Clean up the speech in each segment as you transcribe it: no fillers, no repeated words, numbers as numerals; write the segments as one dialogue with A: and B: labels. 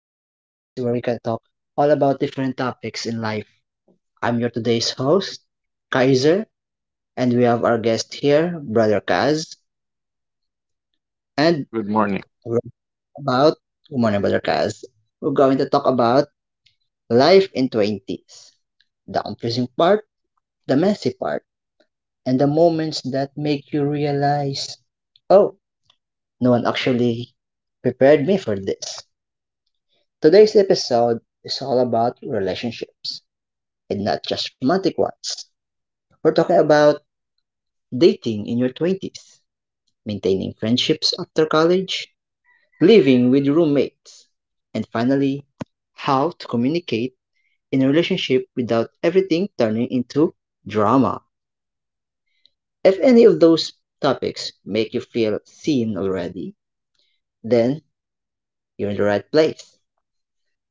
A: where we can talk all about different topics in life. I'm your today's host, Kaiser, and we have our guest here, Brother Kaz, and
B: Good morning.
A: we're about Good morning, Brother Kaz. We're going to talk about life in 20s, the confusing part, the messy part, and the moments that make you realize, oh, no one actually prepared me for this. Today's episode is all about relationships, and not just romantic ones. We're talking about dating in your 20s, maintaining friendships after college, living with roommates, and finally, how to communicate in a relationship without everything turning into drama. If any of those topics make you feel seen already, then you're in the right place.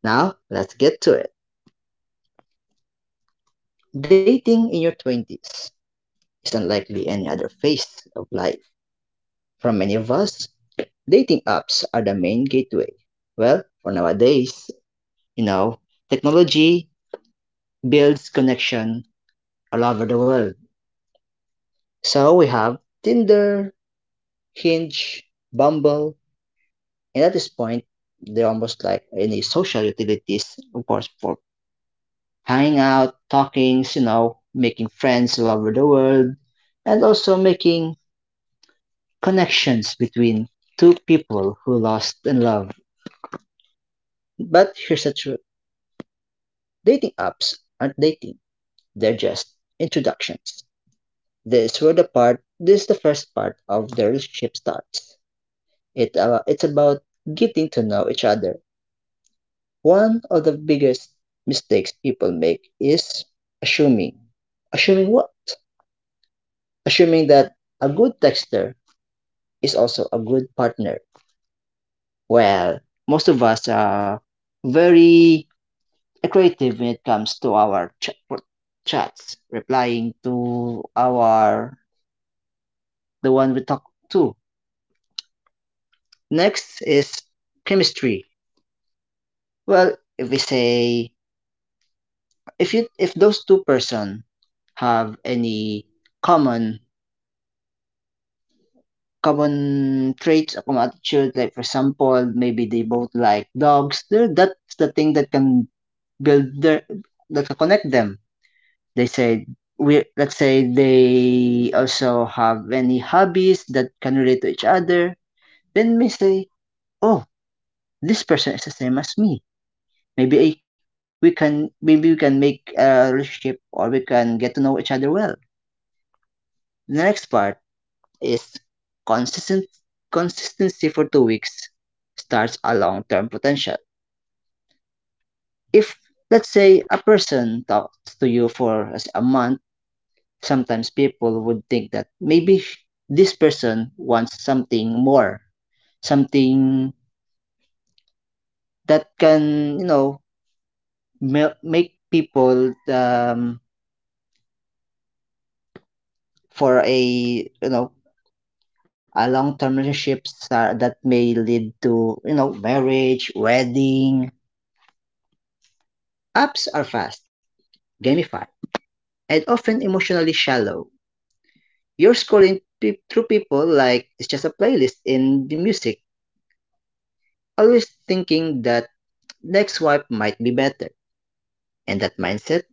A: Now, let's get to it. Dating in your 20s. Is unlikely any other phase of life. For many of us, dating apps are the main gateway. Well, for nowadays, you know, technology builds connection all over the world. So we have Tinder, Hinge, Bumble, and at this point, they're almost like any social utilities, of course, for hanging out, talking, you know, making friends all over the world, and also making connections between two people who lost in love. But here's the truth. Dating apps aren't dating. They're just introductions. This where the part this is the first part of the relationship starts. It's about getting to know each other. One of the biggest mistakes people make is assuming. Assuming what? Assuming that a good texter is also a good partner. Well, most of us are very creative when it comes to our chats, replying to our the one we talk to. Next is chemistry. Well, if we say if you if those two-person have any common common traits or common attitude, like for example, maybe they both like dogs. There, that's the thing that can build their that can connect them. They said, we let's say they also have any hobbies that can relate to each other. Then we say, oh, this person is the same as me. Maybe we can maybe we can make a relationship or we can get to know each other well. The next part is consistent consistency for two weeks starts a long-term potential. If, let's say, a person talks to you for, let's say, a month, sometimes people would think that maybe this person wants something more, something that can, you know, make people for a, you know, a long-term relationship star that may lead to, you know, marriage, wedding. Apps are fast, gamified, and often emotionally shallow. You're scrolling through people like it's just a playlist in the music, always thinking that next swipe might be better. And that mindset,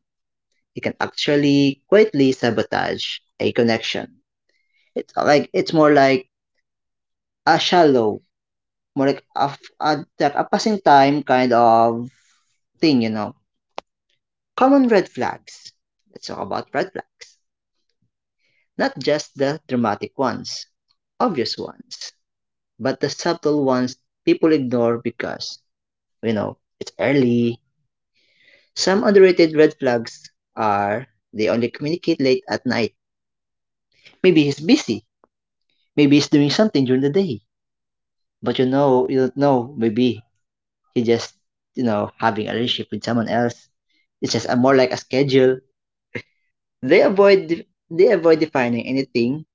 A: it can actually quietly sabotage a connection. It's more like a shallow, more like like a passing time kind of thing, you know. Common red flags. Let's talk about red flags. Not just the dramatic ones, obvious ones, but the subtle ones people ignore because, you know, it's early. Some underrated red flags are they only communicate late at night. Maybe he's busy Maybe he's doing something during the day, but you know, you don't know. Maybe he just, you know, having a relationship with someone else. It's just a more like a schedule. They avoid they avoid defining anything,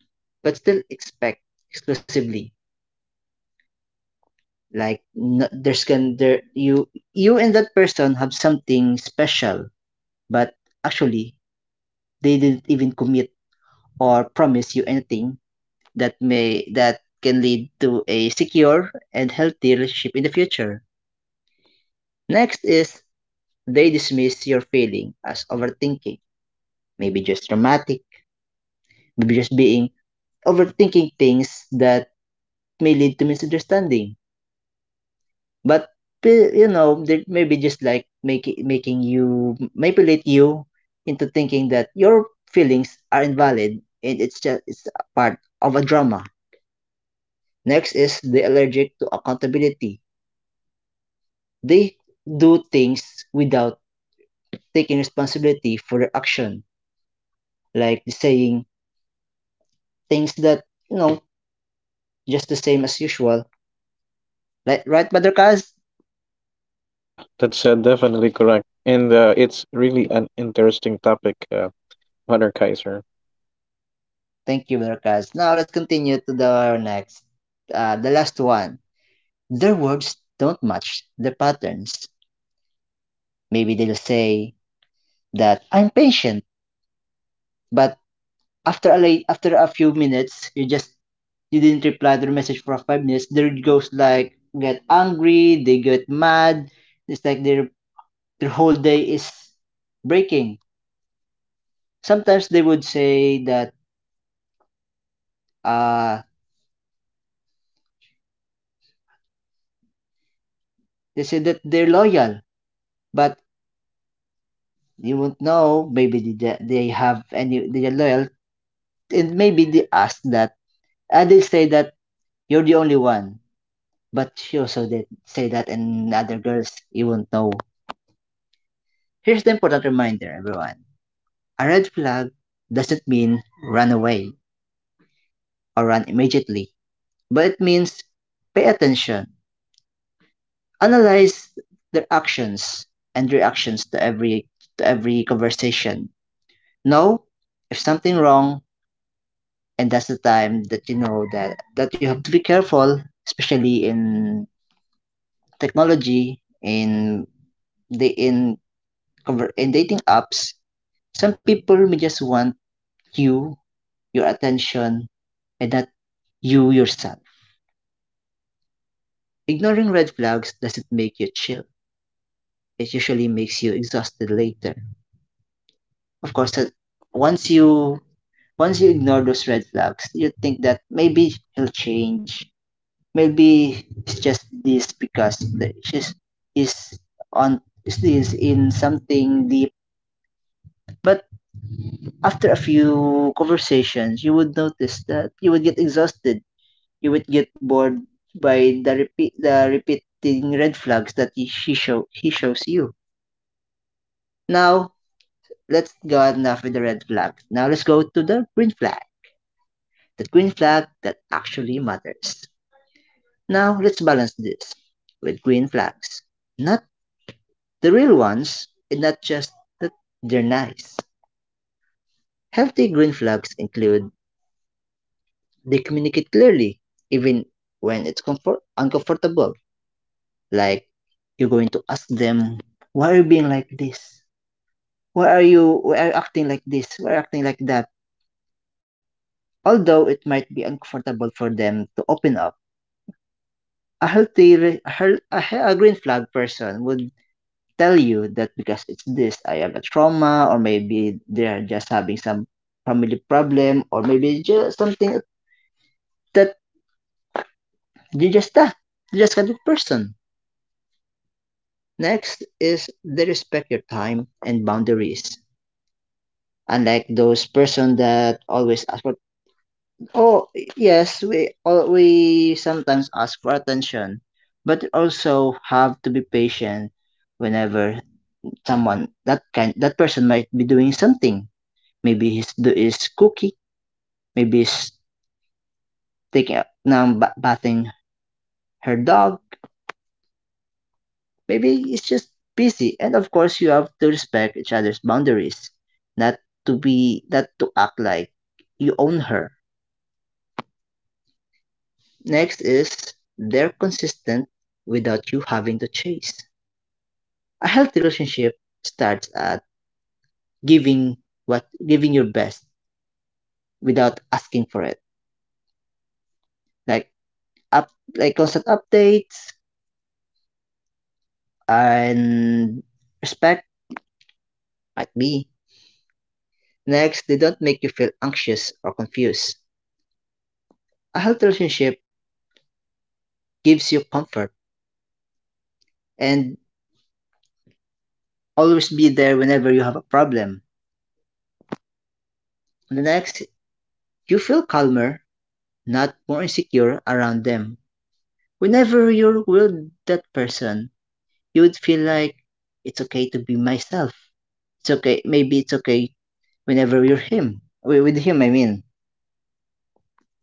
A: but still expect exclusively. Like no, there's can there you and that person have something special, but actually they didn't even commit or promise you anything that can lead to a secure and healthy relationship in the future. Next is they dismiss your feeling as overthinking. Maybe just dramatic, maybe just being overthinking things that may lead to misunderstanding. But you know, they maybe just like making you manipulate you into thinking that your feelings are invalid and it's a part of a drama. Next is the allergic to accountability. They do things without taking responsibility for their action, like saying things that you know. Just the same as usual. Like, right, Buttercast?
B: Yeah, that's definitely correct. And it's really an interesting topic, Brother Kaiser.
A: Thank you, Buttercast. Now let's continue to the next. The last one. Their words don't match their patterns. Maybe they'll say that I'm patient, but after a few minutes, you didn't reply to the message for five minutes. There it goes like get angry, they get mad. It's like their whole day is breaking. Sometimes they would say that uh they say that they're loyal, but you won't know. Maybe they ju- they have any they are loyal, and maybe they ask that, and they say that you're the only one. But she also did say that, and other girls you won't know. Here's the important reminder, everyone: a red flag doesn't mean run away or run immediately, but it means pay attention, analyze their actions and reactions to every conversation. Know if something wrong, and that's the time that you know that you have to be careful, especially in technology, in the in conver- in dating apps. Some people may just want you your attention and not you yourself. Ignoring red flags doesn't make you chill, it usually makes you exhausted later. Of course, that once you ignore those red flags, you think that maybe he'll change. Maybe it's just this because the- she's is on is in something deep. But after a few conversations, you would notice that you would get exhausted. You would get bored by the repeating red flags that he shows you. Now let's go, enough with the red flag. Now let's go to the green flag. The green flag that actually matters. Now let's balance this with green flags. Not the real ones, and not just that they're nice. Healthy green flags include they communicate clearly, even when it's uncomfortable. Like you're going to ask them, "Why are you being like this? Why are you acting like this? Why are you acting like that?" Although it might be uncomfortable for them to open up, a healthy, re- a, hel- a, he- a green flag person would tell you that because it's this, I have a trauma, or maybe they're just having some family problem, or maybe just something that you just that you just kind of person. Next is they respect your time and boundaries. Unlike those person that always ask for, oh, yes, we all, we sometimes ask for attention, but also have to be patient whenever someone, that person might be doing something. Maybe he's do is cooking. Maybe she's bathing her dog. Maybe it's just busy. And of course, you have to respect each other's boundaries. Not to be, not to act like you own her. Next is they're consistent without you having to chase. A healthy relationship starts at giving giving your best without asking for it. Like up like constant updates and respect might be. Next, they don't make you feel anxious or confused. A healthy relationship gives you comfort and always be there whenever you have a problem. And the next, you feel calmer, not more insecure around them. Whenever you're with that person, you would feel like it's okay to be myself. It's okay whenever you're him. With him, I mean.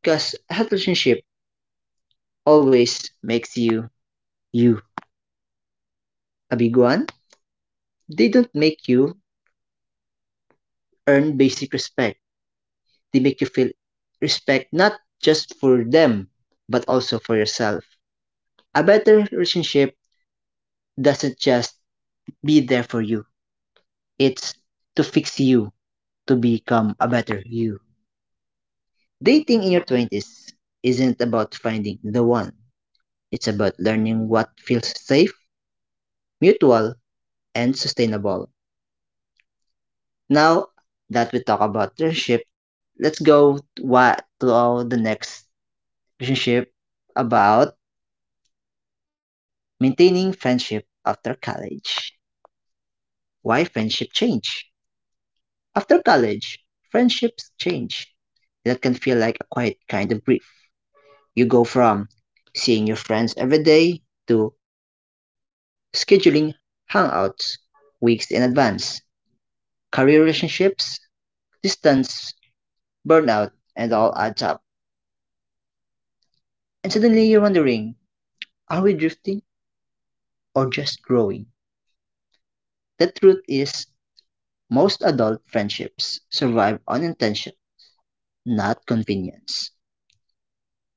A: Because a healthy relationship always makes you you. A big one, they don't make you earn basic respect. They make you feel respect not just for them, but also for yourself. A better relationship doesn't just be there for you, it's to fix you to become a better you. Dating in your 20s isn't about finding the one, it's about learning what feels safe, mutual, and sustainable. Now that we talk about relationship, let's go the next relationship about maintaining friendship after college. Why friendship change? After college, friendships change. That can feel like a quiet kind of grief. You go from seeing your friends every day to scheduling hangouts weeks in advance. Career relationships, distance, burnout, and all adds up. And suddenly you're wondering, are we drifting or just growing? The truth is, most adult friendships survive on intention not convenience.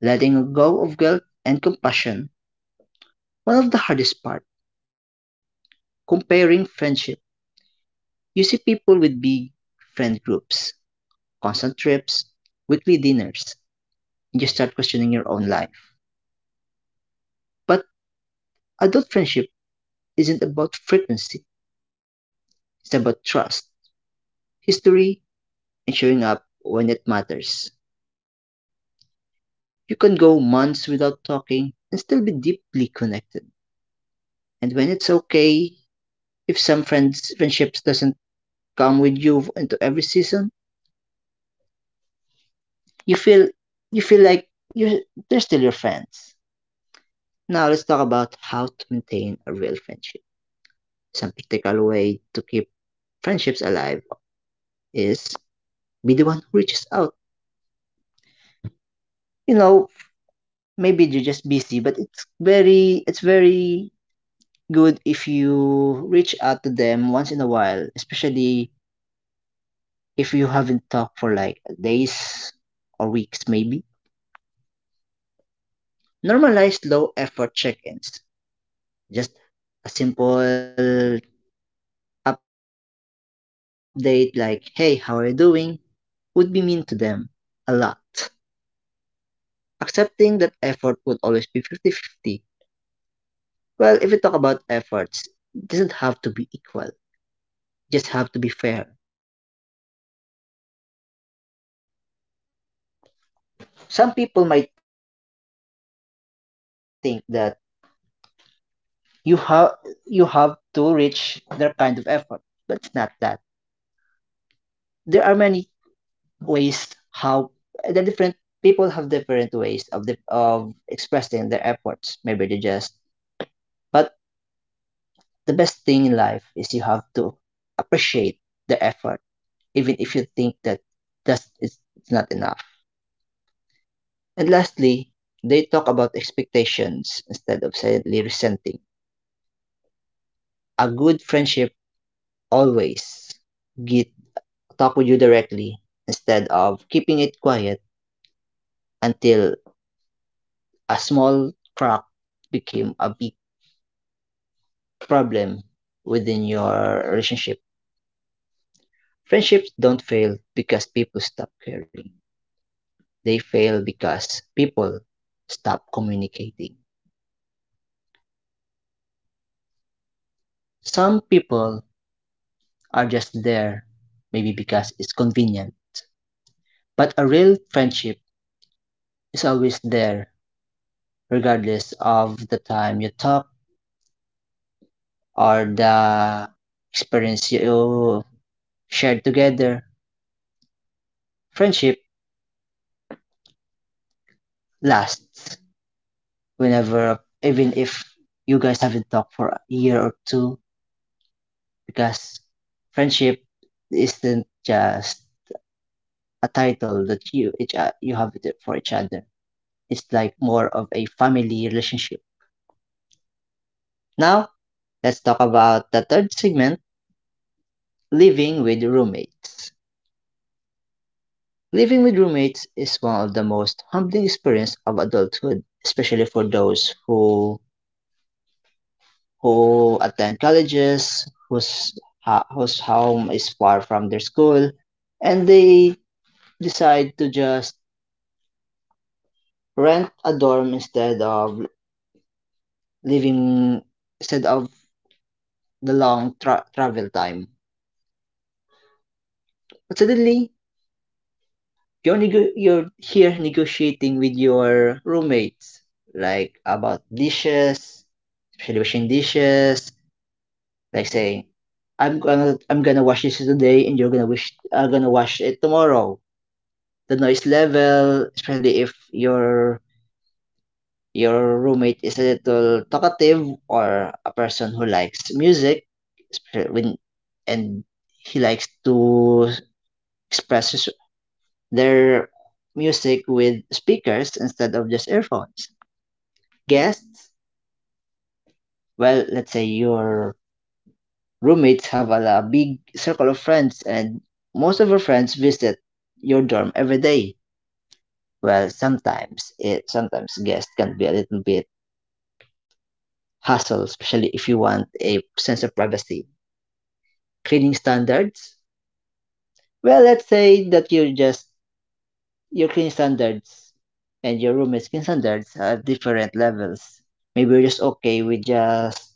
A: Letting go of guilt and compassion, one of the hardest part. Comparing friendship. You see people with big friend groups, constant trips, weekly dinners, and you start questioning your own life. But adult friendship isn't about frequency, it's about trust, history, and showing up when it matters. You can go months without talking and still be deeply connected. And when it's okay, if some friendships doesn't come with you into every season, you feel you feel like you're they're still your friends. Now let's talk about how to maintain a real friendship. Some practical way to keep friendships alive is be the one who reaches out. You know, Maybe you're just busy, but it's very good if you reach out to them once in a while, especially if you haven't talked for like days or weeks maybe. Normalize low effort check-ins. Just a simple update like, "Hey, how are you doing?" would be mean to them a lot. Accepting that effort would always be fifty-fifty. Well, if we talk about efforts, it doesn't have to be equal, just have to be fair. When it comes to effort, some people might think that you have you have to reach their kind of effort, but it's not that. There are many ways how the different people have different ways of of expressing their efforts. Maybe they just but the best thing in life is you have to appreciate the effort, even if you think that it's not enough. And lastly, they talk about expectations instead of silently resenting. A good friendship always get talk with you directly instead of keeping it quiet until a small crack became a big problem within your relationship. Friendships don't fail because people stop caring. They fail because people stop communicating. Some people are just there, maybe because it's convenient. But a real friendship is always there, regardless of the time you talk or the experience you shared together. Friendship lasts whenever, even if you guys haven't talked for a year or two, because friendship isn't just a title that you each you have for each other. It's like more of a family relationship. Now, let's talk about the third segment, living with roommates. Living with roommates is one of the most humbling experiences of adulthood, especially for those who attend colleges whose whose home is far from their school, and they decide to just rent a dorm living instead of the long travel time. But suddenly, you're here negotiating with your roommates like about dishes, especially washing dishes, like saying I'm gonna wash this today and you're gonna wish are gonna wash it tomorrow, the noise level, especially if your roommate is a little talkative or a person who likes music, when and he likes to express their music with speakers instead of just earphones. Guests, well, let's say your roommates have a big circle of friends, and most of your friends visit your dorm every day. Well, sometimes guests can be a little bit hassle, especially if you want a sense of privacy. Cleaning standards? Well, let's say that you're just your cleaning standards and your roommate's cleaning standards are at different levels. Maybe you're just okay with just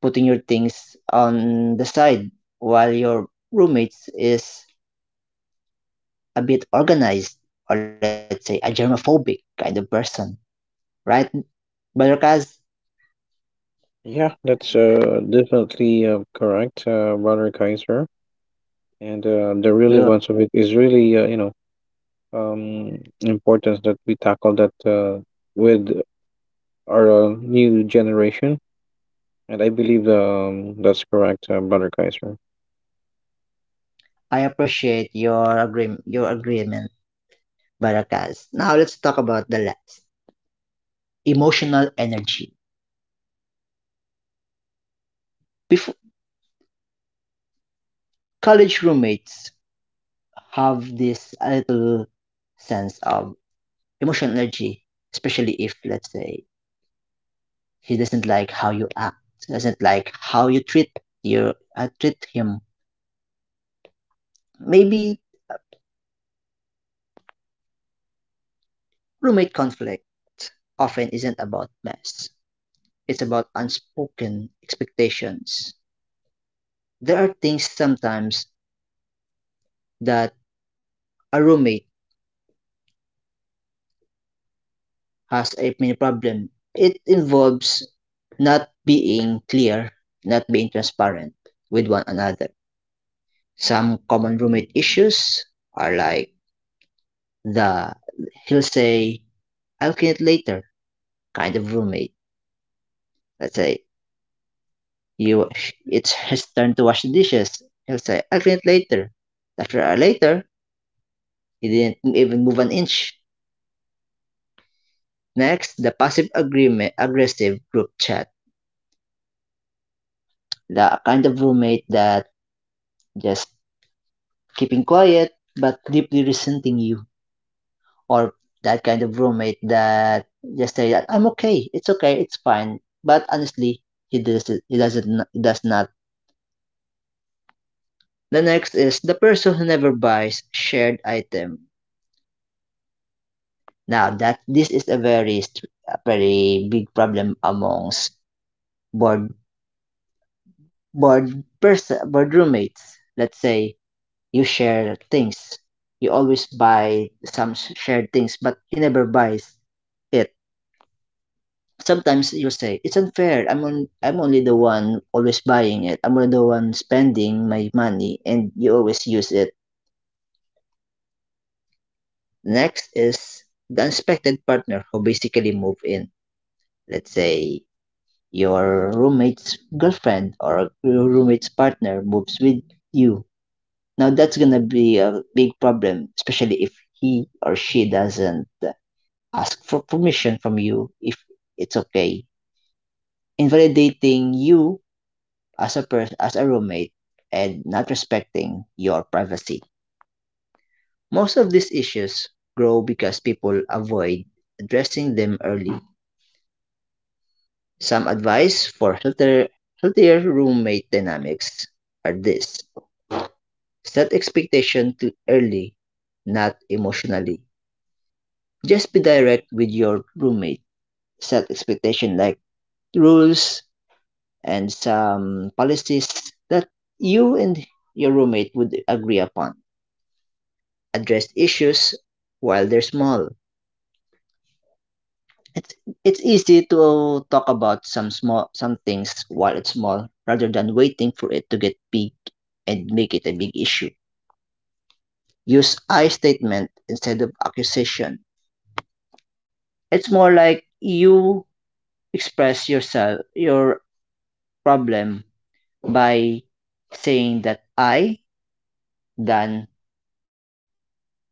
A: putting your things on the side while your roommates is a bit organized or let's say a germophobic kind of person, right, Barakas?
B: Yeah, that's definitely correct, Brother Kaiser. And the
A: Uh,
B: relevance of it is really, um, important that we tackle that with our new generation. And I believe that's correct, Brother Kaiser.
A: I appreciate your agreement. Your agreement, Barakas. Now let's talk about the last, emotional energy. Before college roommates have this little sense of emotional energy, especially if let's say he doesn't like how you act, doesn't like how you treat your treat him. Maybe roommate conflict often isn't about mess. It's about unspoken expectations. There are things sometimes that a roommate has a mini problem. It involves not being clear, not being transparent with one another. Some common roommate issues are like the he'll say, "I'll clean it later" kind of roommate. Let's say you it's his turn to wash the dishes. He'll say, "I'll clean it later." After a later, he didn't even move an inch. Next, the passive agreement aggressive group chat. The kind of roommate that just keeping quiet but deeply resenting you, or that kind of roommate that just say that I'm okay, it's fine. But honestly, he doesn't he does not. The next is the person who never buys shared item. Now that this is a very big problem amongst board board person board roommates. Let's say you share things. You always buy shared things, but he never buys it. Sometimes you'll say, "It's unfair. I'm only the one always buying it. I'm only the one spending my money, and you always use it." Next is the unexpected partner who basically move in. Let's say your roommate's girlfriend or your roommate's partner moves with you. Now that's gonna be a big problem, especially if he or she doesn't ask for permission from you if it's okay. Invalidating you as a person as a roommate and not respecting your privacy. Most of these issues grow because people avoid addressing them early. Some advice for healthier roommate dynamics are this. Set expectation too early, not emotionally. Just be direct with your roommate. Set expectation like rules and some policies that you and your roommate would agree upon, addressed issues while they're small. It's it's easy to talk about some things while it's small rather than waiting for it to get big and make it a big issue. Use I statement instead of accusation. It's more like you express your problem by saying that I than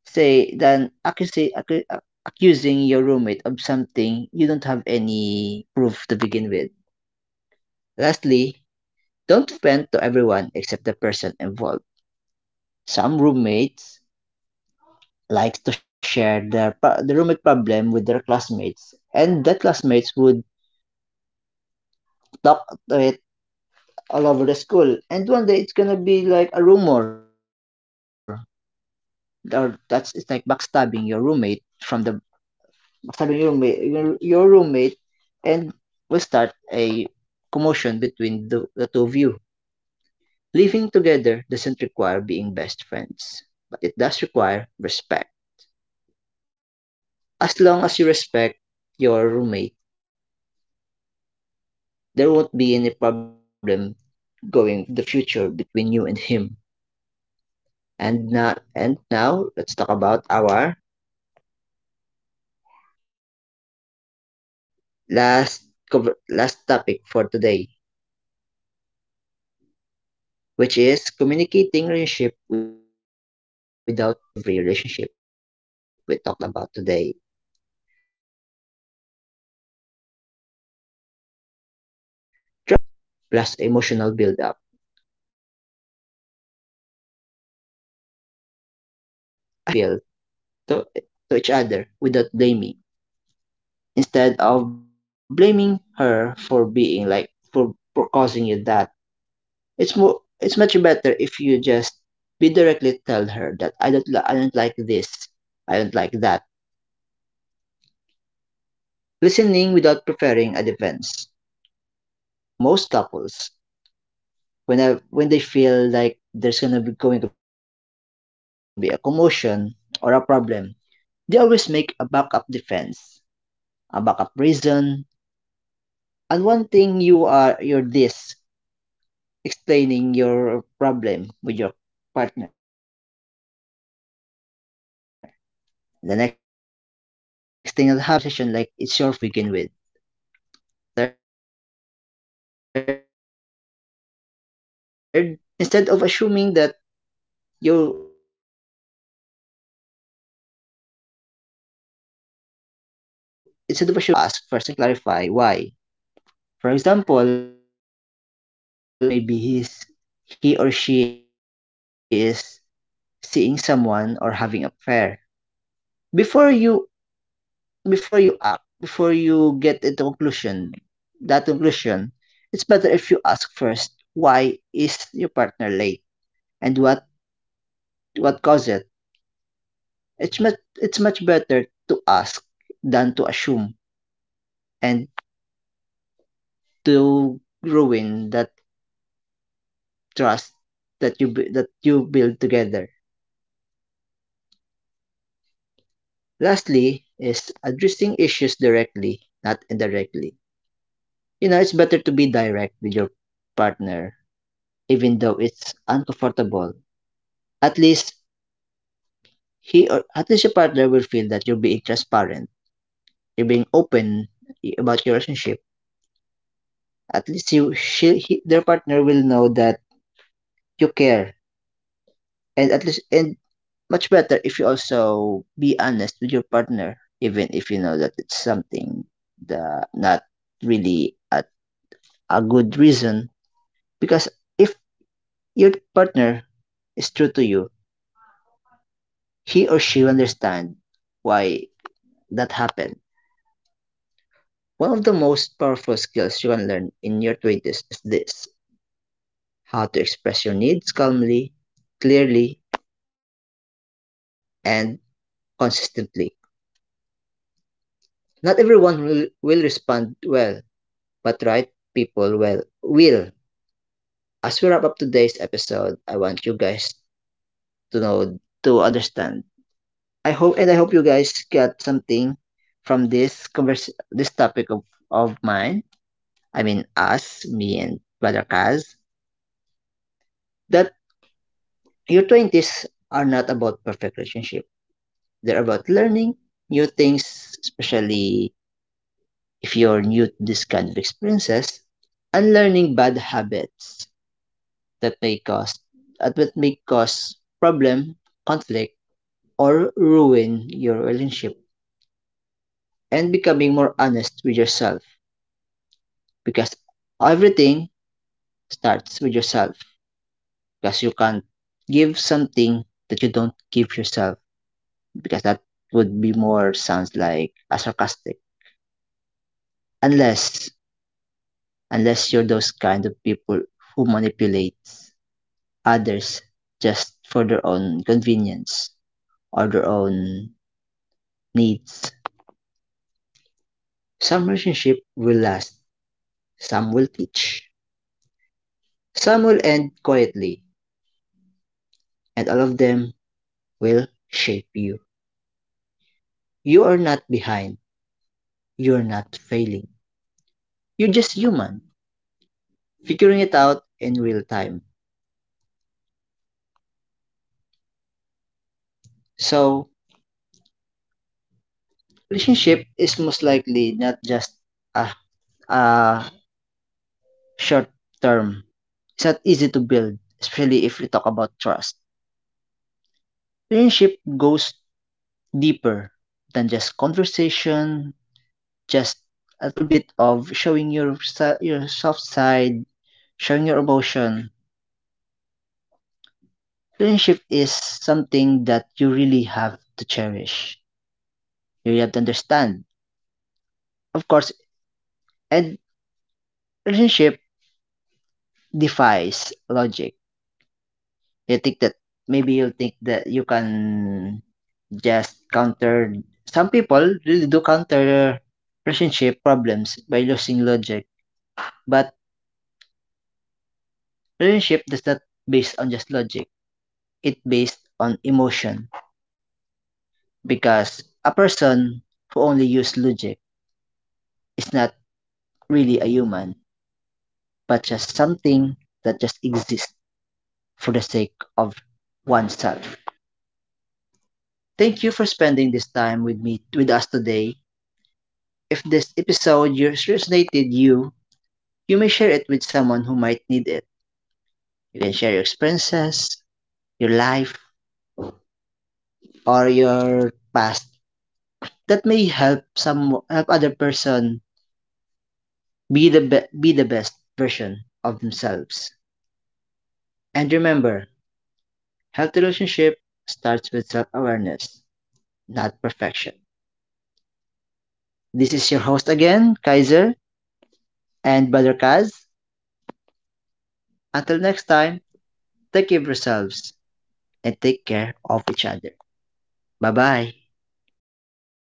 A: say than accusi- accu- accusing your roommate of something you don't have any proof to begin with. Lastly, don't vent to everyone except the person involved. Some roommates like to share the roommate problem with their classmates, and the classmates would talk to it all over the school. And one day it's gonna be like a rumor, or that's it's like backstabbing your roommate, and will start a commotion between the two of you. Living together doesn't require being best friends, but it does require respect. As long as you respect your roommate, there won't be any problem going the future between you and him. And now let's talk about our last last topic for today, which is communicating relationship without trauma. Communication is the backbone of every relationship we talked about today. Trauma often isn't about conflict. It's about miscommunication plus emotional buildup. A healthy communication looks like this: saying how you feel to, to each other without blaming, instead of blaming her for being for causing you that. It's much better if you just be directly tell her that I don't like this, I don't like that. Listening without preparing a defense. Most couples when they feel like there's gonna be going to be a commotion or a problem, they always make a backup defense, a backup reason, and one thing you're this explaining your problem with your partner. The next thing that happened, he'll make the conversation like it's your fault to begin with. Third, clarifying instead of assuming. Instead of assuming that you Instead of assuming bad things about your partner, it's better if you ask first and clarify why. For example, your partner go home late and you assume that maybe he's he or she is seeing someone or having an affair. Before you Before you act, before you get into conclusion, that conclusion, it's better if you ask first why is your partner late and what caused it. It's much better to ask than to assume and to ruin that trust that that you build together. Lastly is addressing issues directly, not indirectly. You know, it's better to be direct with your partner even though it's uncomfortable. At least he or at least your partner will feel that you're being transparent, you're being open about your relationship. At least their partner will know that you care, and at least and much better if you also be honest with your partner, even if you know that it's something the not really a good reason. Because if your partner is true to you, he or she will understand why that happened. One of the most powerful skills you can learn in your 20s is this: how to express your needs calmly, clearly, and consistently. Not everyone will respond well, but right people will. As we wrap up today's episode, I want you guys to know, to understand. I hope you guys got something from this topic of mine. I mean us, me and Brother Kaz, that your 20s are not about perfect relationship. They're about learning new things, especially if you're new to this kind of experiences, and learning bad habits that may cause that would may cause problem, conflict, or ruin your relationship, and becoming more honest with yourself because everything starts with yourself, because you can't give something that you don't give yourself, because that would be more sounds like a sarcastic. Unless Unless you're those kind of people who manipulate others just for their own convenience or their own needs. Some relationship will last, some will teach, some will end quietly, and all of them will shape you. You are not behind, you're not failing. You're just human, figuring it out in real time. So, relationship is most likely not just a, a short term. It's not easy to build, especially if we talk about trust. Friendship goes deeper than just conversation, just a little bit of showing your soft side, showing your emotion. Friendship is something that you really have to cherish. You really have to understand. Of course, and relationship defies logic. You think that you can just counter, some people really do counter relationship problems by using logic, but relationship does not based on just logic, it based on emotion, because a person who only use logic is not really a human but just something that just exists for the sake of oneself. Thank you for spending this time with me with us today. If this episode resonated you, you may share it with someone who might need it. You can share your experiences, your life, or your past that may help some help other person be the best version of themselves. And remember, healthy relationship starts with self-awareness, not perfection. This is your host again, Kaiser and Brother Kaz. Until next time, take care of yourselves and take care of each other. Bye bye.
B: Bye.